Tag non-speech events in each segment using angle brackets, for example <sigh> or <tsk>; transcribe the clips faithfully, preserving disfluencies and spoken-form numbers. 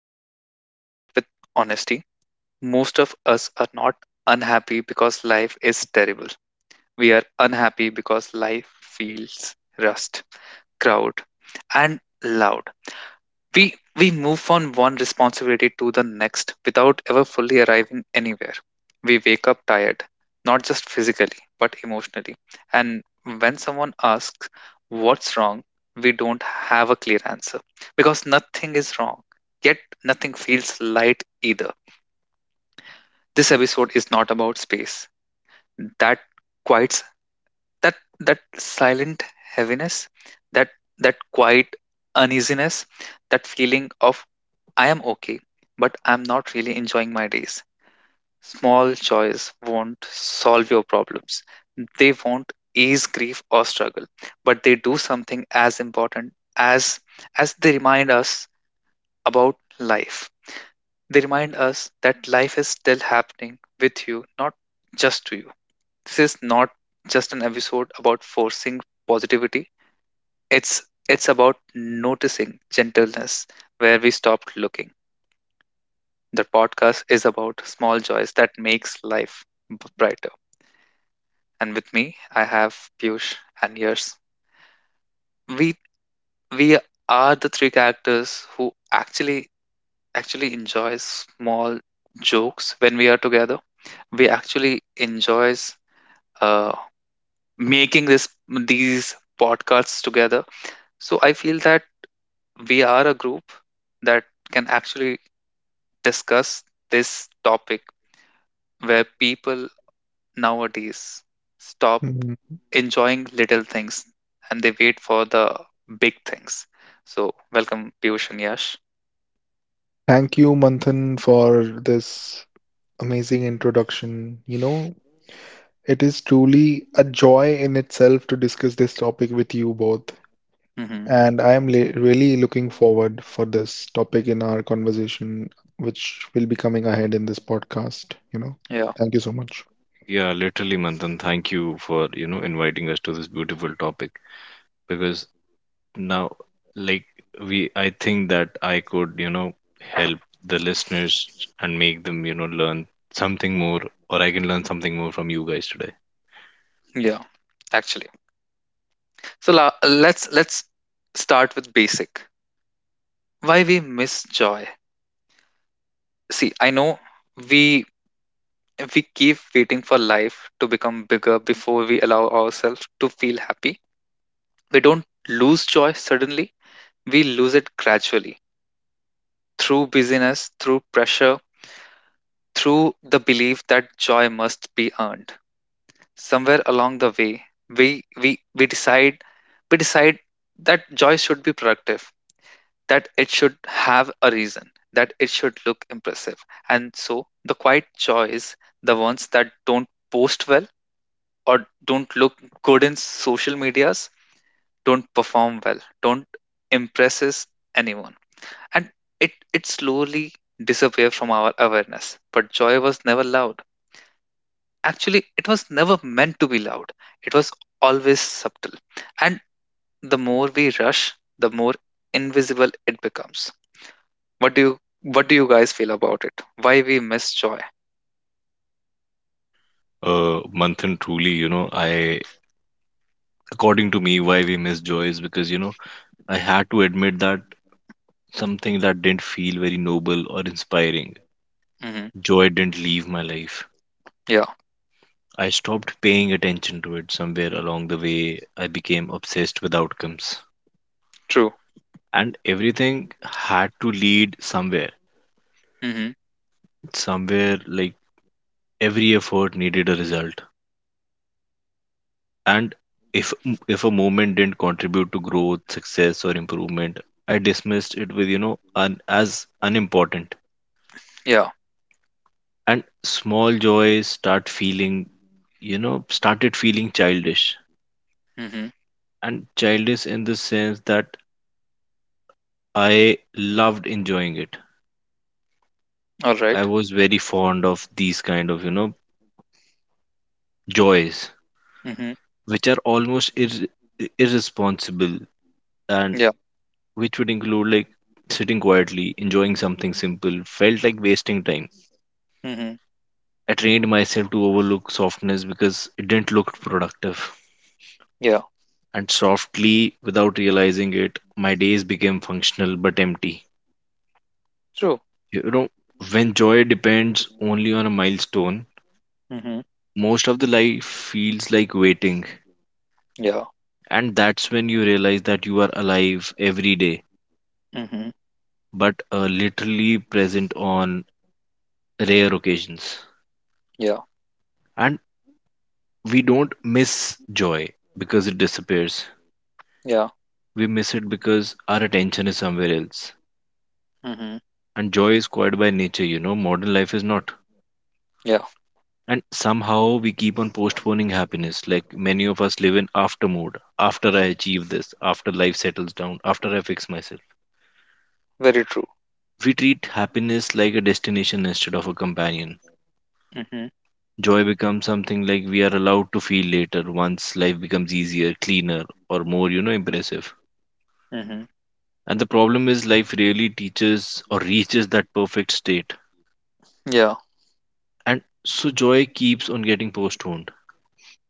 begin this episode with honesty. Most of us are not unhappy because life is terrible. We are unhappy because life feels rust, crowd, and loud. We we move from one responsibility to the next without ever fully arriving anywhere. We wake up tired, not just physically, but emotionally. And when someone asks what's wrong, we don't have a clear answer because nothing is wrong, yet nothing feels light either. This episode is not about space. That quiet, that that silent heaviness, that that quiet uneasiness, that feeling of I am okay, but I'm not really enjoying my days. Small joys won't solve your problems. They won't ease grief or struggle, but they do something as important as as they remind us about life. They remind us that life is still happening with you, not just to you. This is not just an episode about forcing positivity. It's it's about noticing gentleness where we stopped looking. The podcast is about small joys that makes life b- brighter. And with me, I have Piyush and Yers. We we are the three characters who actually actually enjoys small jokes when we are together. We actually enjoys uh, making this these podcasts together. So I feel that we are a group that can actually discuss this topic where people nowadays stop Mhm. enjoying little things and they wait for the big things. So, welcome, Piyush and Yash. Thank you, Manthan, for this amazing introduction. You know, it is truly a joy in itself to discuss this topic with you both, Hmm. and I am le- really looking forward for this topic in our conversation, which will be coming ahead in this podcast, you know. Yeah, Thank you so much. Yeah, literally, Manthan, thank you for, you know, inviting us to this beautiful topic because now, like, we, I think that I could, you know, help the listeners and make them, you know, learn something more, or I can learn something more from you guys today. yeah, actually. So la- let's let's start with basic. Why we miss joy? See, I know we we keep waiting for life to become bigger before we allow ourselves to feel happy. We don't lose joy suddenly, we lose it gradually through busyness, through pressure, through the belief that joy must be earned. Somewhere along the way, we, we, we decide we decide that joy should be productive, that it should have a reason, that it should look impressive. And so the quiet joys, the ones that don't post well, or don't look good in social medias, don't perform well, don't impresses anyone, and it it slowly disappeared from our awareness. But joy was never loud. Actually, it was never meant to be loud. It was always subtle, and the more we rush, the more invisible it becomes. What do you what do you guys feel about it? Why we miss joy? Uh, Manthan, truly, you know, I, according to me, why we miss joy is because, you know, I had to admit that something that didn't feel very noble or inspiring. Hmm. Joy didn't leave my life. Yeah. I stopped paying attention to it somewhere along the way. I became obsessed with outcomes. True. And everything had to lead somewhere. Hmm. Somewhere like every effort needed a result. And if if a moment didn't contribute to growth, success or improvement, I dismissed it with, you know, un, as unimportant. Yeah. And small joys start feeling, you know, started feeling childish. Hmm. And childish in the sense that I loved enjoying it. All right. I was very fond of these kind of, you know, joys, Hmm. which are almost ir- irresponsible, and Yeah. which would include like sitting quietly, enjoying something simple, felt like wasting time. Hmm. I trained myself to overlook softness because it didn't look productive. Yeah. And softly, without realizing it, my days became functional but empty. True. You know, when joy depends only on a milestone, Mhm. most of the life feels like waiting. Yeah. And that's when you realize that you are alive every day, Mhm. but uh, literally present on rare occasions. Yeah. And we don't miss joy because it disappears. Yeah. We miss it because our attention is somewhere else. Mhm. And joy is quiet by nature, you know, modern life is not. Yeah. And somehow we keep on postponing happiness. Like many of us live in after mode. After I achieve this, after life settles down, after I fix myself. Very true. We treat happiness like a destination instead of a companion. Mhm. Joy becomes something like we are allowed to feel later once life becomes easier, cleaner, or more, you know, impressive. Mhm. And the problem is life rarely teaches or reaches that perfect state. Yeah. And so joy keeps on getting postponed.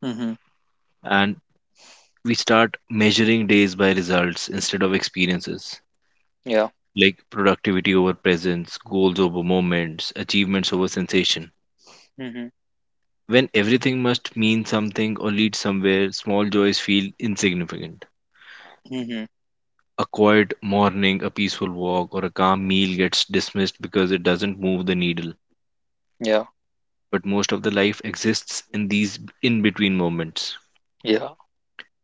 Mhm. And we start measuring days by results instead of experiences, Yeah. like productivity over presence, goals over moments, achievements over sensation. Mhm. When everything must mean something or lead somewhere, small joys feel insignificant. Mhm. A quiet morning, a peaceful walk, or a calm meal gets dismissed because it doesn't move the needle. Yeah. But most of the life exists in these in between moments Yeah.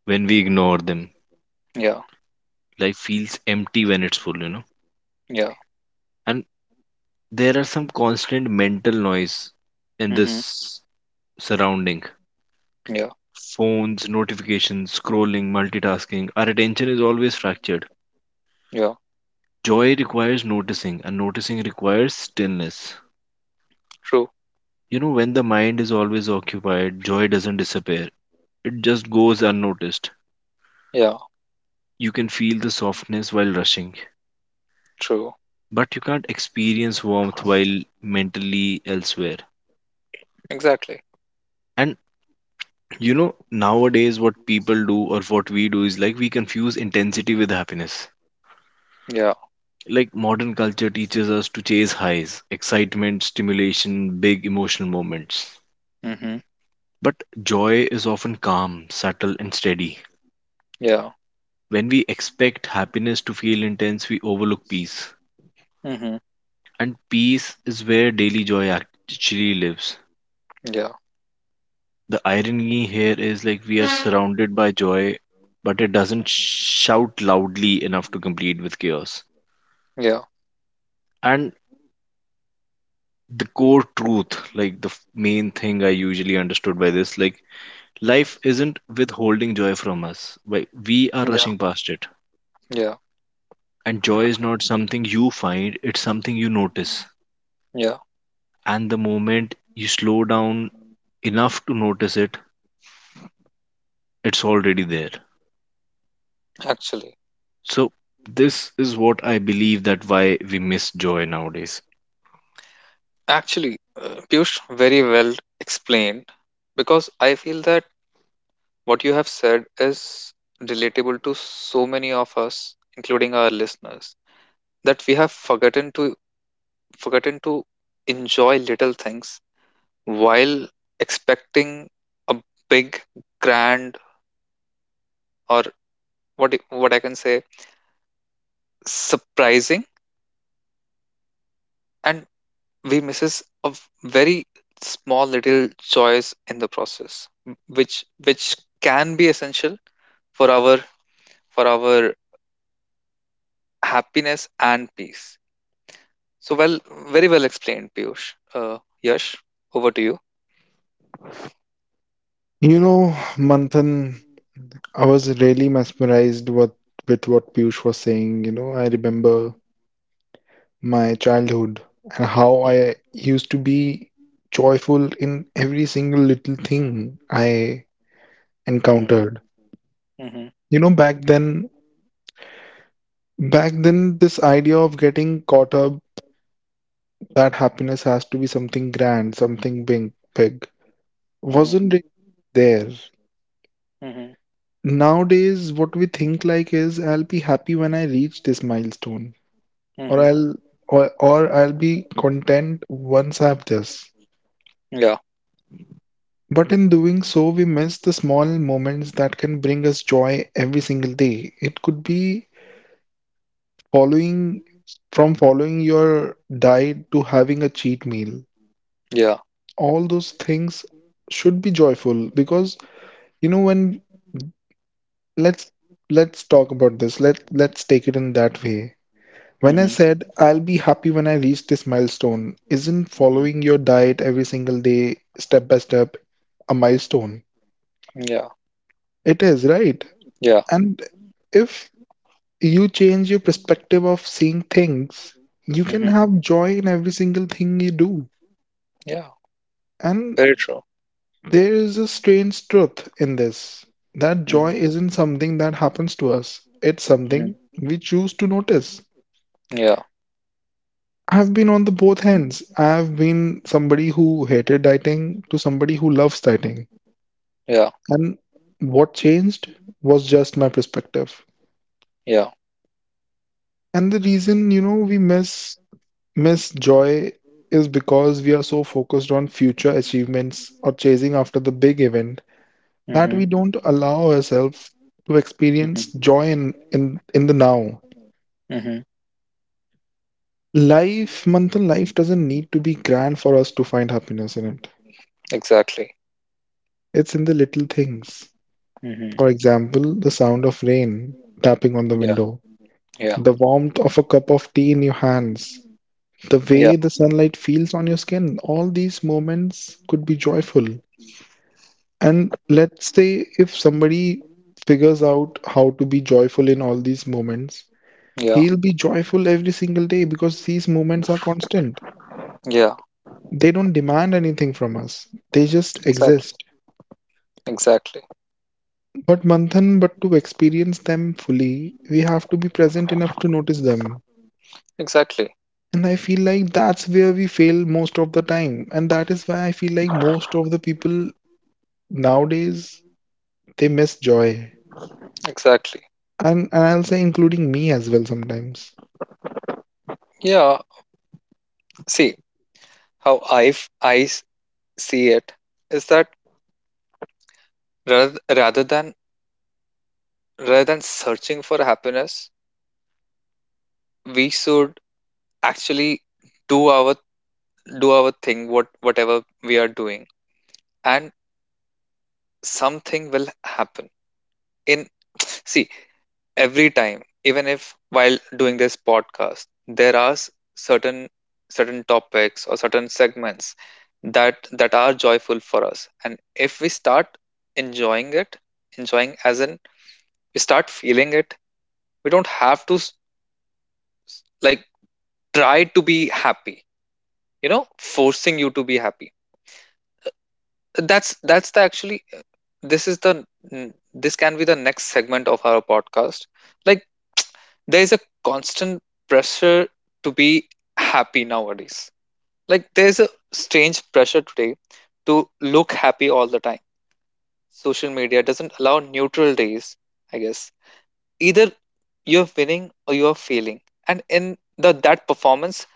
when we ignore them. Yeah. Life feels empty when it's full, you know. Yeah. And there are some constant mental noise in Mhm. this surrounding: Yeah. phones, notifications, scrolling, multitasking. Our attention is always fractured. Yeah. Joy requires noticing, and noticing requires stillness. True. You know, when the mind is always occupied, joy doesn't disappear. It just goes unnoticed. Yeah. You can feel the softness while rushing, True. but you can't experience warmth while mentally elsewhere. Exactly. And you know, nowadays, what people do or what we do is like we confuse intensity with happiness. Yeah. Like modern culture teaches us to chase highs, excitement, stimulation, big emotional moments. Mhm. But joy is often calm, subtle, and steady. Yeah. When we expect happiness to feel intense, we overlook peace. Mhm. And peace is where daily joy actually lives. Yeah. The irony here is like we are surrounded by joy, but it doesn't shout loudly enough to compete with chaos. Yeah. And the core truth, like the f- main thing I usually understood by this, like, life isn't withholding joy from us. Like, we are Yeah. rushing past it. Yeah. And joy is not something you find, it's something you notice. Yeah. And the moment you slow down enough to notice it, it's already there. Actually. So, this is what I believe that why we miss joy nowadays. Actually, uh, Piyush, very well explained, because I feel that what you have said is relatable to so many of us, including our listeners, that we have forgotten to forgotten to enjoy little things while expecting a big, grand, or what I- what I can say, surprising, and we misses a very small little joys in the process, m- which which can be essential for our for our happiness and peace. So well, very well explained, Piyush. Uh, Yash, over to you. You know, Manthan, I was really mesmerized what with what Piyush was saying. You know, I remember my childhood and how I Mm-hmm. used to be joyful in every single little thing I encountered. Mm-hmm. You know, back then, back then, this idea of getting caught up that happiness has to be something grand, something big, big, Mm-hmm. wasn't really there. Mm-hmm. Nowadays, what we think like is, I'll be happy when I reach this milestone, or Mm-hmm. I'll or, or I'll be content once I have this. Yeah, But in doing so, we miss the small moments that can bring us joy every single day. It could be following from following your diet to having a cheat meal. yeah. All those things should be joyful because you know when let's let's talk about this. Let let's take it in that way. When I Mm-hmm. said I'll be happy when I reach this milestone, isn't following Mm-hmm. your diet every single day, step by step, a milestone? Yeah, It is, right? yeah. And if you change your perspective of seeing things, you can Mm-hmm. have joy in every single thing you do. Yeah. And Very true. there is a strange truth in this, that joy Mm-hmm. isn't something that happens to us, it's something Mm-hmm. we choose to notice. Yeah, I've been on the both ends. I've been somebody who hated dieting to somebody who loves dieting. yeah, And what changed was just my perspective. yeah. And the reason, you know, we miss miss joy is because we are so focused on future achievements or chasing after the big event that Mm-hmm. we don't allow ourselves to experience Mm-hmm. joy in, in, in the now. Mm-hmm. Life, Manthan, life doesn't need to be grand for us to find happiness in it. Exactly. It's in the little things. Mm-hmm. For example, the sound of rain tapping on the Yeah, window, yeah, the warmth of a cup of tea in your hands, the yeah, way the sunlight feels on your skin. All these moments could be joyful. And let's say if somebody figures out how to be joyful in all these moments, yeah, he'll be joyful every single day because these moments are constant. yeah. They don't demand anything from us, they just Exactly, exist. exactly, But Manthan, but to experience them fully, we have to be present enough to notice them. exactly, And I feel like that's where we fail most of the time. And that is why I feel like most of the people nowadays, they miss joy. exactly. And, and I'll say, including me as well sometimes. Yeah. See how I f- I s- see it is that rather rather than rather than searching for happiness, we should actually do our do our thing what whatever we are doing, and something will happen in. <tsk> See, every time, even if while doing this podcast there are s- certain certain topics or certain segments that that are joyful for us, and if we start enjoying it, enjoying as in we start feeling it, we don't have to s- s- like try to be happy, you know forcing you to be happy. That's that's the actually this is the n- this can be the next segment of our podcast. Like, there is a constant pressure to be happy nowadays. Like, there's a strange pressure today to look happy all the time. Social media doesn't allow neutral days, I guess. Either you're winning or you're failing, and in the that performance,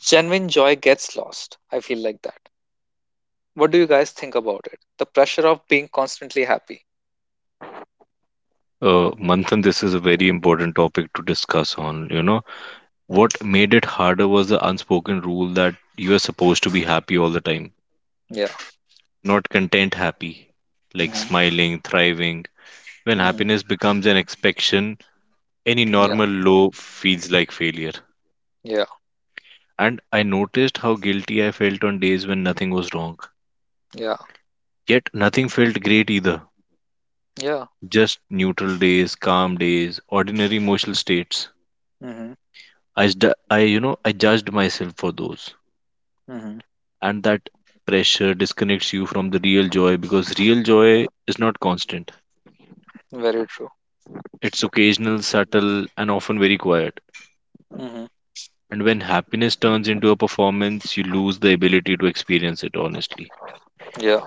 genuine joy gets lost, I feel like that. What do you guys think about it? The pressure of being constantly happy. Uh, Manthan, this is a very important topic to discuss on. You know, Mhm. what made it harder was the unspoken rule that you are supposed to be happy all the time, Yeah. not content happy, like Mhm. smiling, thriving. When Mhm. happiness becomes an expectation, any Yeah, normal low feels like failure. yeah, And I noticed how guilty I felt on days when nothing was wrong. yeah, Yet nothing felt great either. yeah. Just neutral days, calm days, ordinary emotional states. Mhm. I, jud- I, you know, I judged myself for those, Mhm. and that pressure disconnects you from the real joy because real joy is not constant. Very true. It's occasional, subtle, and often very quiet. Mhm. And when happiness turns into a performance, you lose the ability to experience it honestly. Yeah.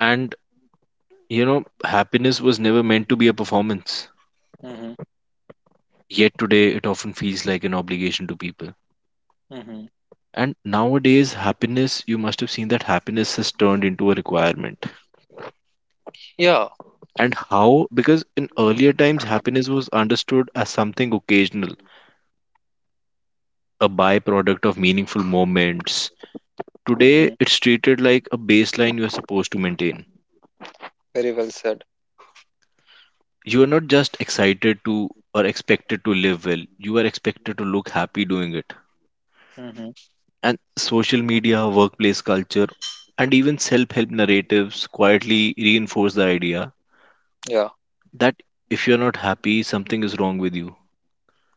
And you know, happiness was never meant to be a performance. Mhm. Yet today, it often feels like an obligation to people. Mhm. And nowadays, happiness, you must have seen that happiness has turned into a requirement. Yeah. And how? Because in earlier times, happiness was understood as something occasional, a byproduct of meaningful moments. Today, Mhm. it's treated like a baseline you're supposed to maintain. Very well said. You are not just excited to or expected to live well, you are expected to look happy doing it. Mhm. And social media, workplace culture, and even self help narratives quietly reinforce the idea Yeah, that if you're not happy, something is wrong with you.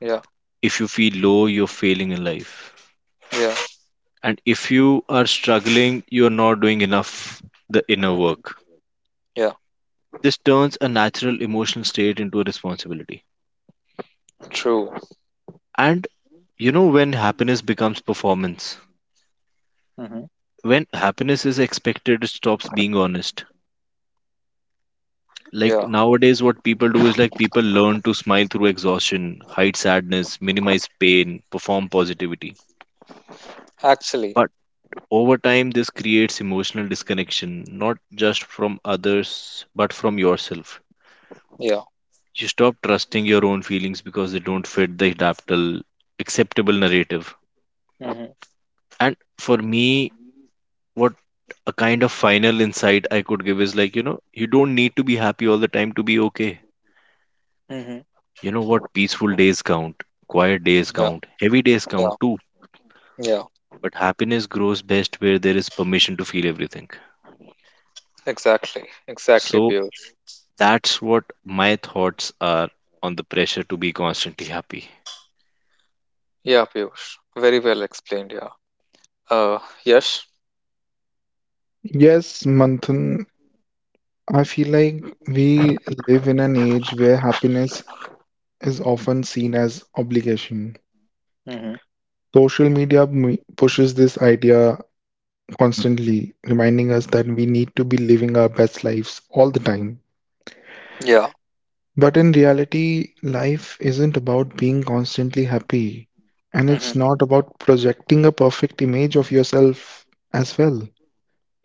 yeah, If you feel low, you're failing in life. yeah. And if you are struggling, you're not doing enough the inner Mhm. work. Yeah. This turns a natural emotional state into a responsibility. True. And you know when happiness becomes performance? Mhm. When happiness is expected, it stops being honest. Like Yeah. nowadays, what people do is like people learn to smile through exhaustion, hide sadness, minimize pain, perform positivity. Actually, But over time, this creates emotional disconnection, not just from others, but from yourself. yeah. You stop trusting your own feelings because they don't fit the adaptable, acceptable narrative. Mhm. And for me, what a kind of final insight I could give is like, you know, you don't need to be happy all the time to be okay. Mhm. You know what? Peaceful days count, quiet days Yeah, count, heavy days yeah, count too. yeah. But happiness grows best where there is permission to feel everything. Exactly, exactly, So Piyush. that's what my thoughts are on the pressure to be constantly happy. Yeah, Piyush. Very well explained. Yeah. Uh, yes. Yes, Manthan, I feel like we live in an age where happiness is often seen as obligation. Mhm. Social media m- pushes this idea constantly, reminding us that we need to be living our best lives all the time. Yeah. But in reality, life isn't about being constantly happy, and it's Mhm. not about projecting a perfect image of yourself as well.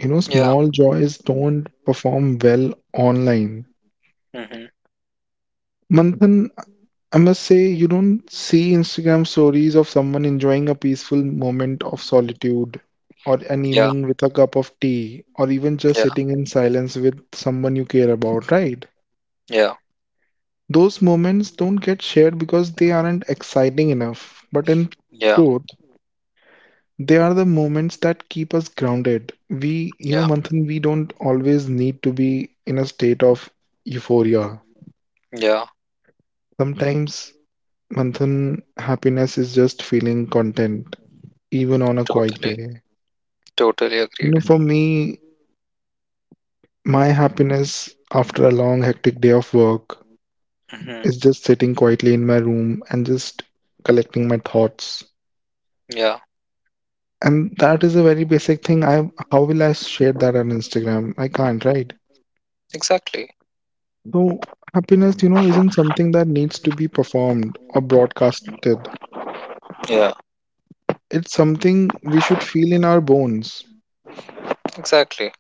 You know, Yeah. small joys don't perform well online. Mhm. Manthan, I must say, you don't see Instagram stories of someone enjoying a peaceful moment of solitude, or an Yeah. evening with a cup of tea, or even just Yeah. sitting in silence with someone you care about, right? Yeah. Those moments don't get shared because they aren't exciting enough. But in Yeah. truth, they are the moments that keep us grounded. We, you know, Yeah. Manthan, we don't always need to be in a state of euphoria. Yeah. Sometimes, Manthan, happiness is just feeling content even on a quiet Totally. day. Totally You agreed. know, for me, my happiness after a long, hectic day of work Mhm. is just sitting quietly in my room and just collecting my thoughts. Yeah. And that is a very basic thing. I how will I share that on Instagram? I can't, right? Exactly. So happiness, you know, isn't something that needs to be performed or Mhm. broadcasted. Yeah. It's something we should feel in our bones. Exactly.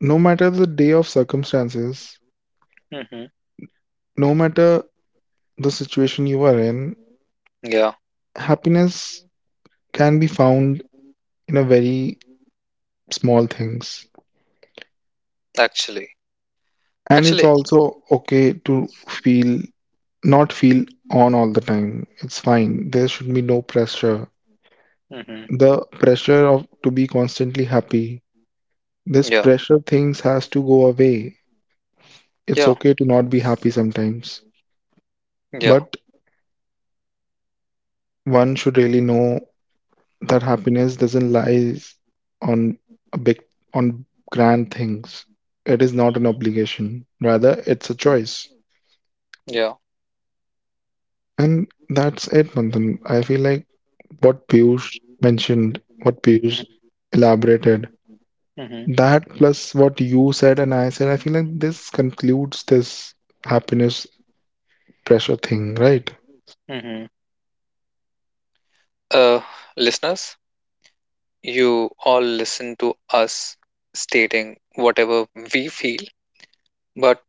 No matter the day of circumstances, Mhm. no matter the situation you are in, Yeah. happiness can be found in a very small things. Actually. And it's Actually. also okay to feel not feel on all the time. It's fine. There should be no pressure. Mhm. The pressure of to be constantly happy, this Yeah. pressure things has to go away. It's Yeah. okay to not be happy sometimes. Yeah. But one should really know that happiness doesn't lies on a big on grand things. It is not an Mhm. obligation. Rather, it's a choice. Yeah. And that's it, Manthan. I feel like what Piyush mentioned, what Mhm. Piyush elaborated, Mhm. that plus what you said and I said, I feel like this concludes this happiness pressure thing, right? Mhm. Uh, Listeners, you all listen to us stating whatever we feel, but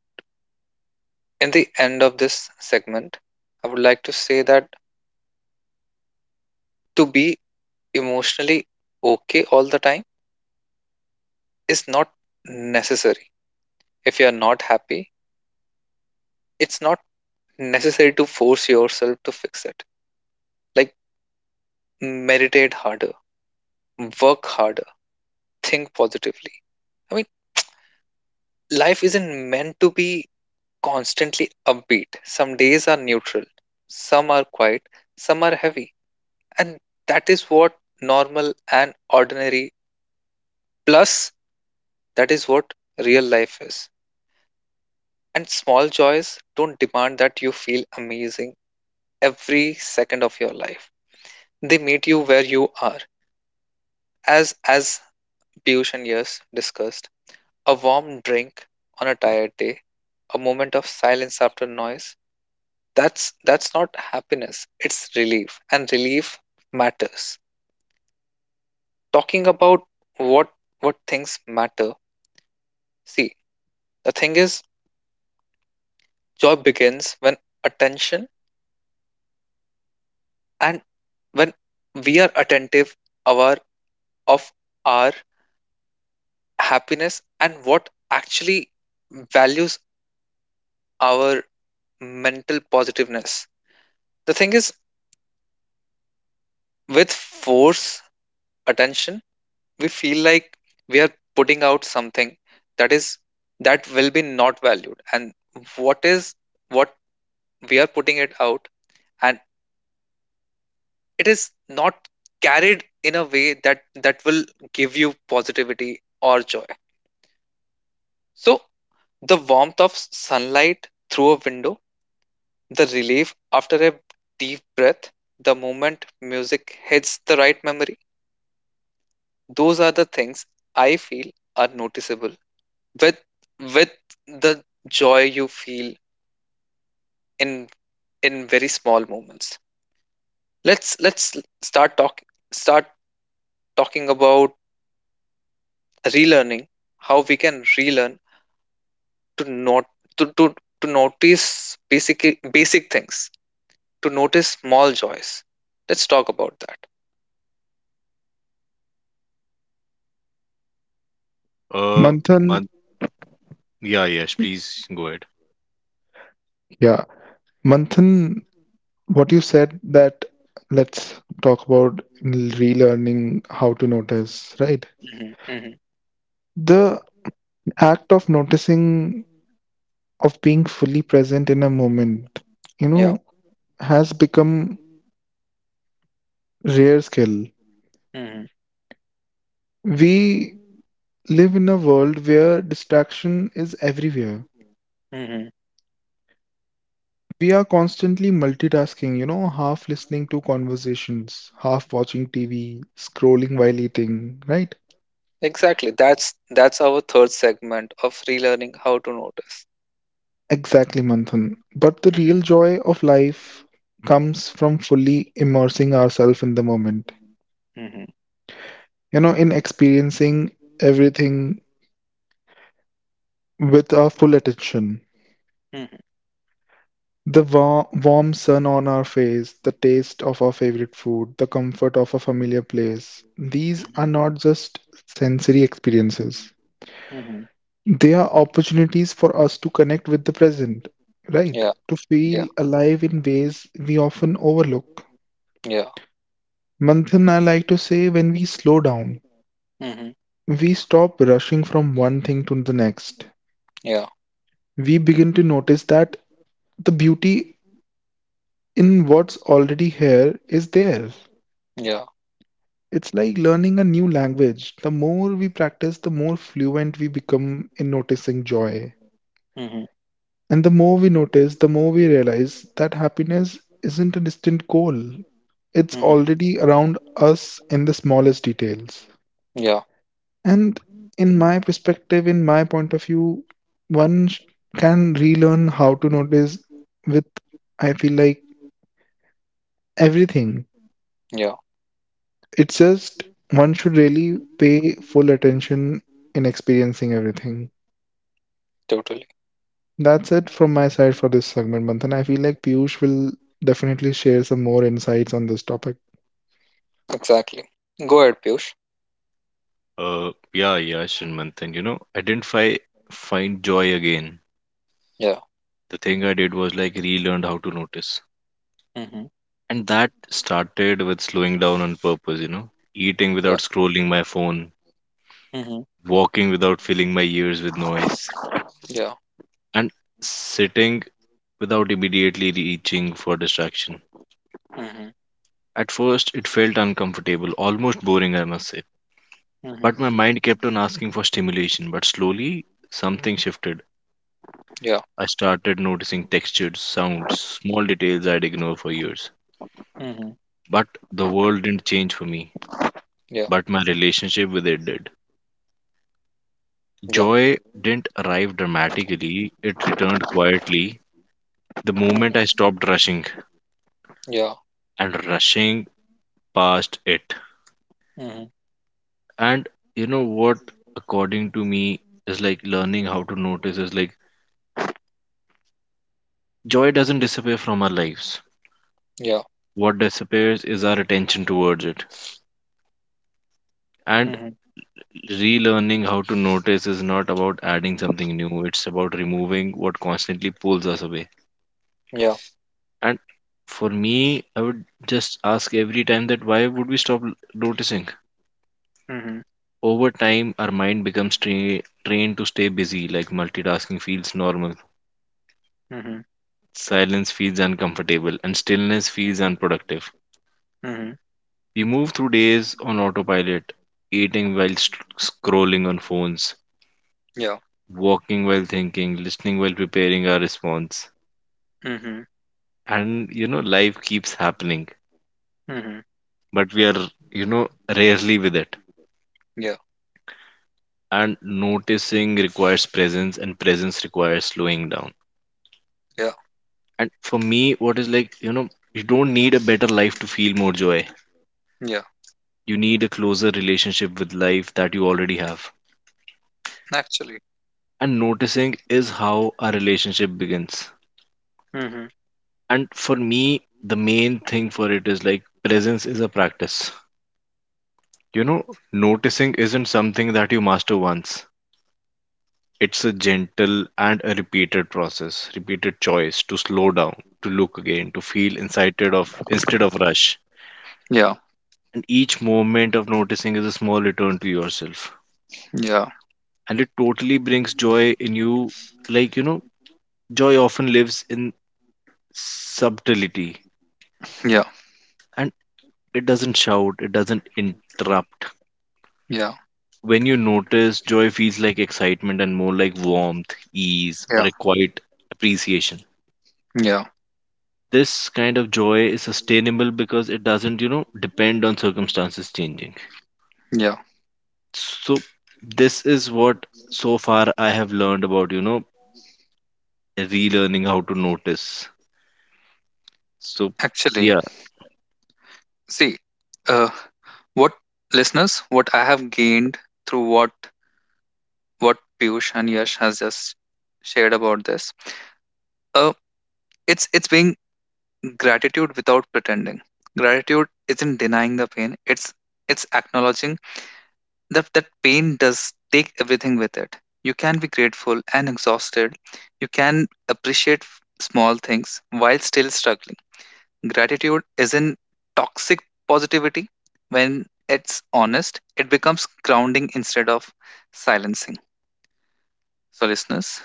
in the end of this segment, I would like to say that to be emotionally okay all the time is not necessary. If you are not happy, it's not necessary to force yourself to fix it. Like, meditate harder, work harder, think positively. I mean, life isn't meant to be constantly upbeat. Some days are neutral, some are quiet, some are heavy. And that is what normal and ordinary, plus, that is what real life is. And small joys don't demand that you feel amazing every second of your life. They meet you where you are. As as Piyush and Yash discussed, a warm drink on a tired day, a moment of silence after noise. That's that's not happiness. It's relief, and relief matters. Talking about what what things matter. See, the thing is, joy begins when attention, and when we are attentive our of our happiness and what actually values our mental positiveness. The thing is, with force attention, we feel like we are putting out something that is that will be not valued, and what is what we are putting it out, and it is not carried in a way that that will give you positivity or joy. So the warmth of sunlight through a window, the relief after a deep breath, the moment music hits the right memory, those are the things I feel are noticeable with with the joy you feel in in very small moments. Let's let's start talk start talking about relearning how we can relearn to not to to, to notice basic basic things, to notice small joys. Let's talk about that. Uh, Manthan, Man- yeah, Yash, please go ahead. yeah. Manthan, what you said, that let's talk about relearning how to notice, right? Hmm. Hmm. The act of noticing, of being fully present in a moment, you Yeah. know, has become Rare skill. Hmm. We live in a world where distraction is everywhere. Hmm. We are constantly multitasking, you know, half listening to conversations, half watching T V, scrolling while eating, right? Exactly, that's that's our third segment of relearning how to notice. Exactly, Manthan. But the real Mhm. joy of life comes from fully immersing ourselves in the moment, Mhm. you know, in experiencing everything with our full attention. Mhm. The wa- warm sun on our face, the taste of our favorite food, the comfort of a familiar place, these are Mhm. not just sensory experiences. Mhm. They are opportunities for us to connect with the present, right? Yeah, To yeah, feel alive in ways we often overlook. yeah. Manthan, I like to say when we slow down, Mhm. we stop rushing from one thing to the next. Yeah, We begin to notice that the beauty in what's already here is there. yeah. It's like learning a new language. The more we practice, the more fluent we become in noticing joy. Mhm. And the more we notice, the more we realize that happiness isn't a distant goal. It's Mhm. already around us in the smallest details. Yeah, And in my perspective, in my point of view, one sh- can relearn how to notice with, I feel like, everything. yeah. It's just one should really pay full attention in experiencing everything. Totally. That's it from my side for this segment, Manthan. I feel like Piyush will definitely share some more insights on this topic. Exactly. Go ahead, Piyush. Uh, yeah, Yash and Manthan, you know, identify, find joy again. Yeah. The thing I did was like relearned how to notice. Mhm. And that started with slowing down on purpose, you know, eating Yeah. without scrolling my phone, Mhm. walking without filling my ears with noise, Yeah. and sitting without immediately reaching for distraction. Mhm. At first, it felt uncomfortable, almost boring, I must say. Mhm. But my mind kept on asking for stimulation, but slowly something shifted. Yeah. I started noticing textures, sounds, small details I'd ignored for years. Mhm. But the world didn't change for me, Yeah. but my relationship with it did. Yeah. Joy didn't arrive dramatically, it returned quietly the moment I Mhm. stopped rushing Yeah. and rushing past it. Mhm. And you know what, according to me, is like learning how to notice is like joy doesn't disappear from our lives. Yeah. What disappears is our attention towards it. And Mhm. relearning how to notice is not about adding something new, it's about removing what constantly pulls us away. Yeah. And for me, I would just ask every time that why would we stop l- noticing? Mhm. Over time, our mind becomes tra- trained to stay busy, like multitasking feels normal, Mhm. silence feels uncomfortable, and stillness feels unproductive. Mhm. We move through days on autopilot, eating while st- scrolling on phones, Yeah. walking while thinking, listening while preparing our response. Mhm. And you know, life keeps happening, Mhm. but we are, you know, rarely with it. Yeah, And noticing requires presence, and presence requires slowing down. yeah, And for me, what is like, you know, you don't need a better life to feel more joy. yeah. You need a closer relationship with life that you already have. Actually. And noticing is how our relationship begins. Mhm. And for me, the main thing for it is like presence is a practice. You know, noticing isn't something that you master once. It's a gentle and a repeated process, repeated choice to slow down, to look again, to feel incited of instead of rush. Yeah, And each moment of noticing is a small return to yourself, yeah, and it totally brings joy in you. Like, you know, joy often lives in subtlety, yeah, and it doesn't shout, it doesn't interrupt. yeah, When you notice, joy feels like excitement and more like warmth, ease, or yeah, a quiet appreciation. yeah, This kind of joy is sustainable because it doesn't, you know, depend on circumstances changing. yeah. So this is what so far I have learned about, you know, relearning how to notice. so Actually. yeah See, uh, what listeners, what I have gained through what what Piyush and Yash has just shared about this. Uh, it's it's being gratitude without pretending. Gratitude isn't denying the pain. It's it's acknowledging that that pain does take everything with it. You can be grateful and exhausted. You can appreciate f- small things while still struggling. Gratitude isn't toxic positivity. When it's honest, it becomes grounding instead of silencing. So, listeners,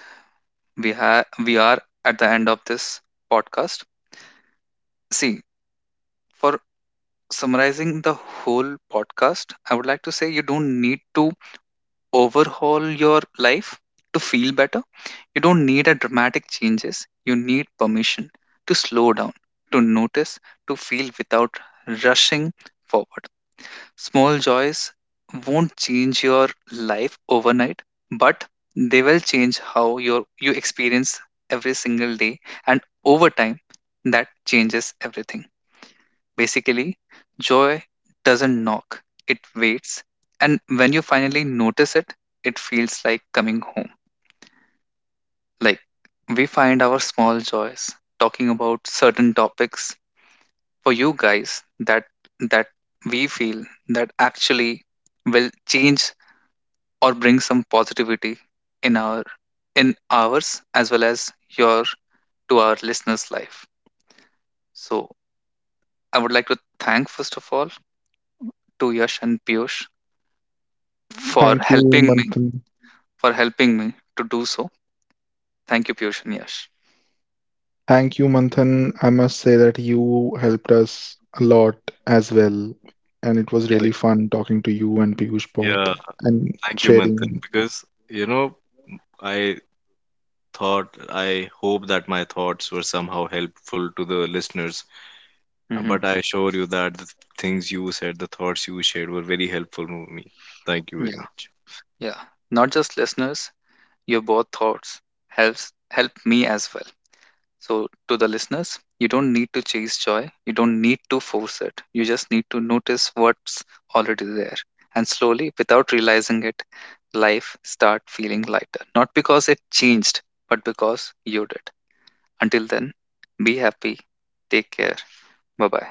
we have we are at the end of this podcast. See, for summarizing the whole podcast, I would like to say you don't need to overhaul your life to feel better. You don't need a dramatic changes. You need permission to slow down, to notice, to feel without rushing forward. Small joys won't change your life overnight, but they will change how your you experience every single day, and over time that changes everything. Basically, joy doesn't knock, it waits, and when you finally notice it, it feels like coming home. Like we find our small joys talking about certain topics for you guys that that we feel that actually will change or bring some positivity in our in ours as well as your, to our listeners life. So I would like to thank, first of all, to Yash and Piyush for Thank you, helping me, Manthan. for helping me to do so. Thank you, Piyush and Yash. Thank you, Manthan. I must say that you helped us a lot as well. And it was really like fun talking to you and Piyush both yeah and Thank you, sharing Manthan, because you know, I thought, I hope that my thoughts were somehow helpful to the listeners, uh, Yeah. Hmm. but I assure you that the things you said, the thoughts you shared were very helpful to me. Thank you very Yeah. much. Yeah. Not just listeners, your both thoughts helps help me as well. So, to the listeners, you don't need to chase joy, you don't need to force it. You just need to notice what's already there. And slowly, without realizing it, life start feeling lighter. Not because it changed, but because you did. Until then, be happy, take care. Bye bye.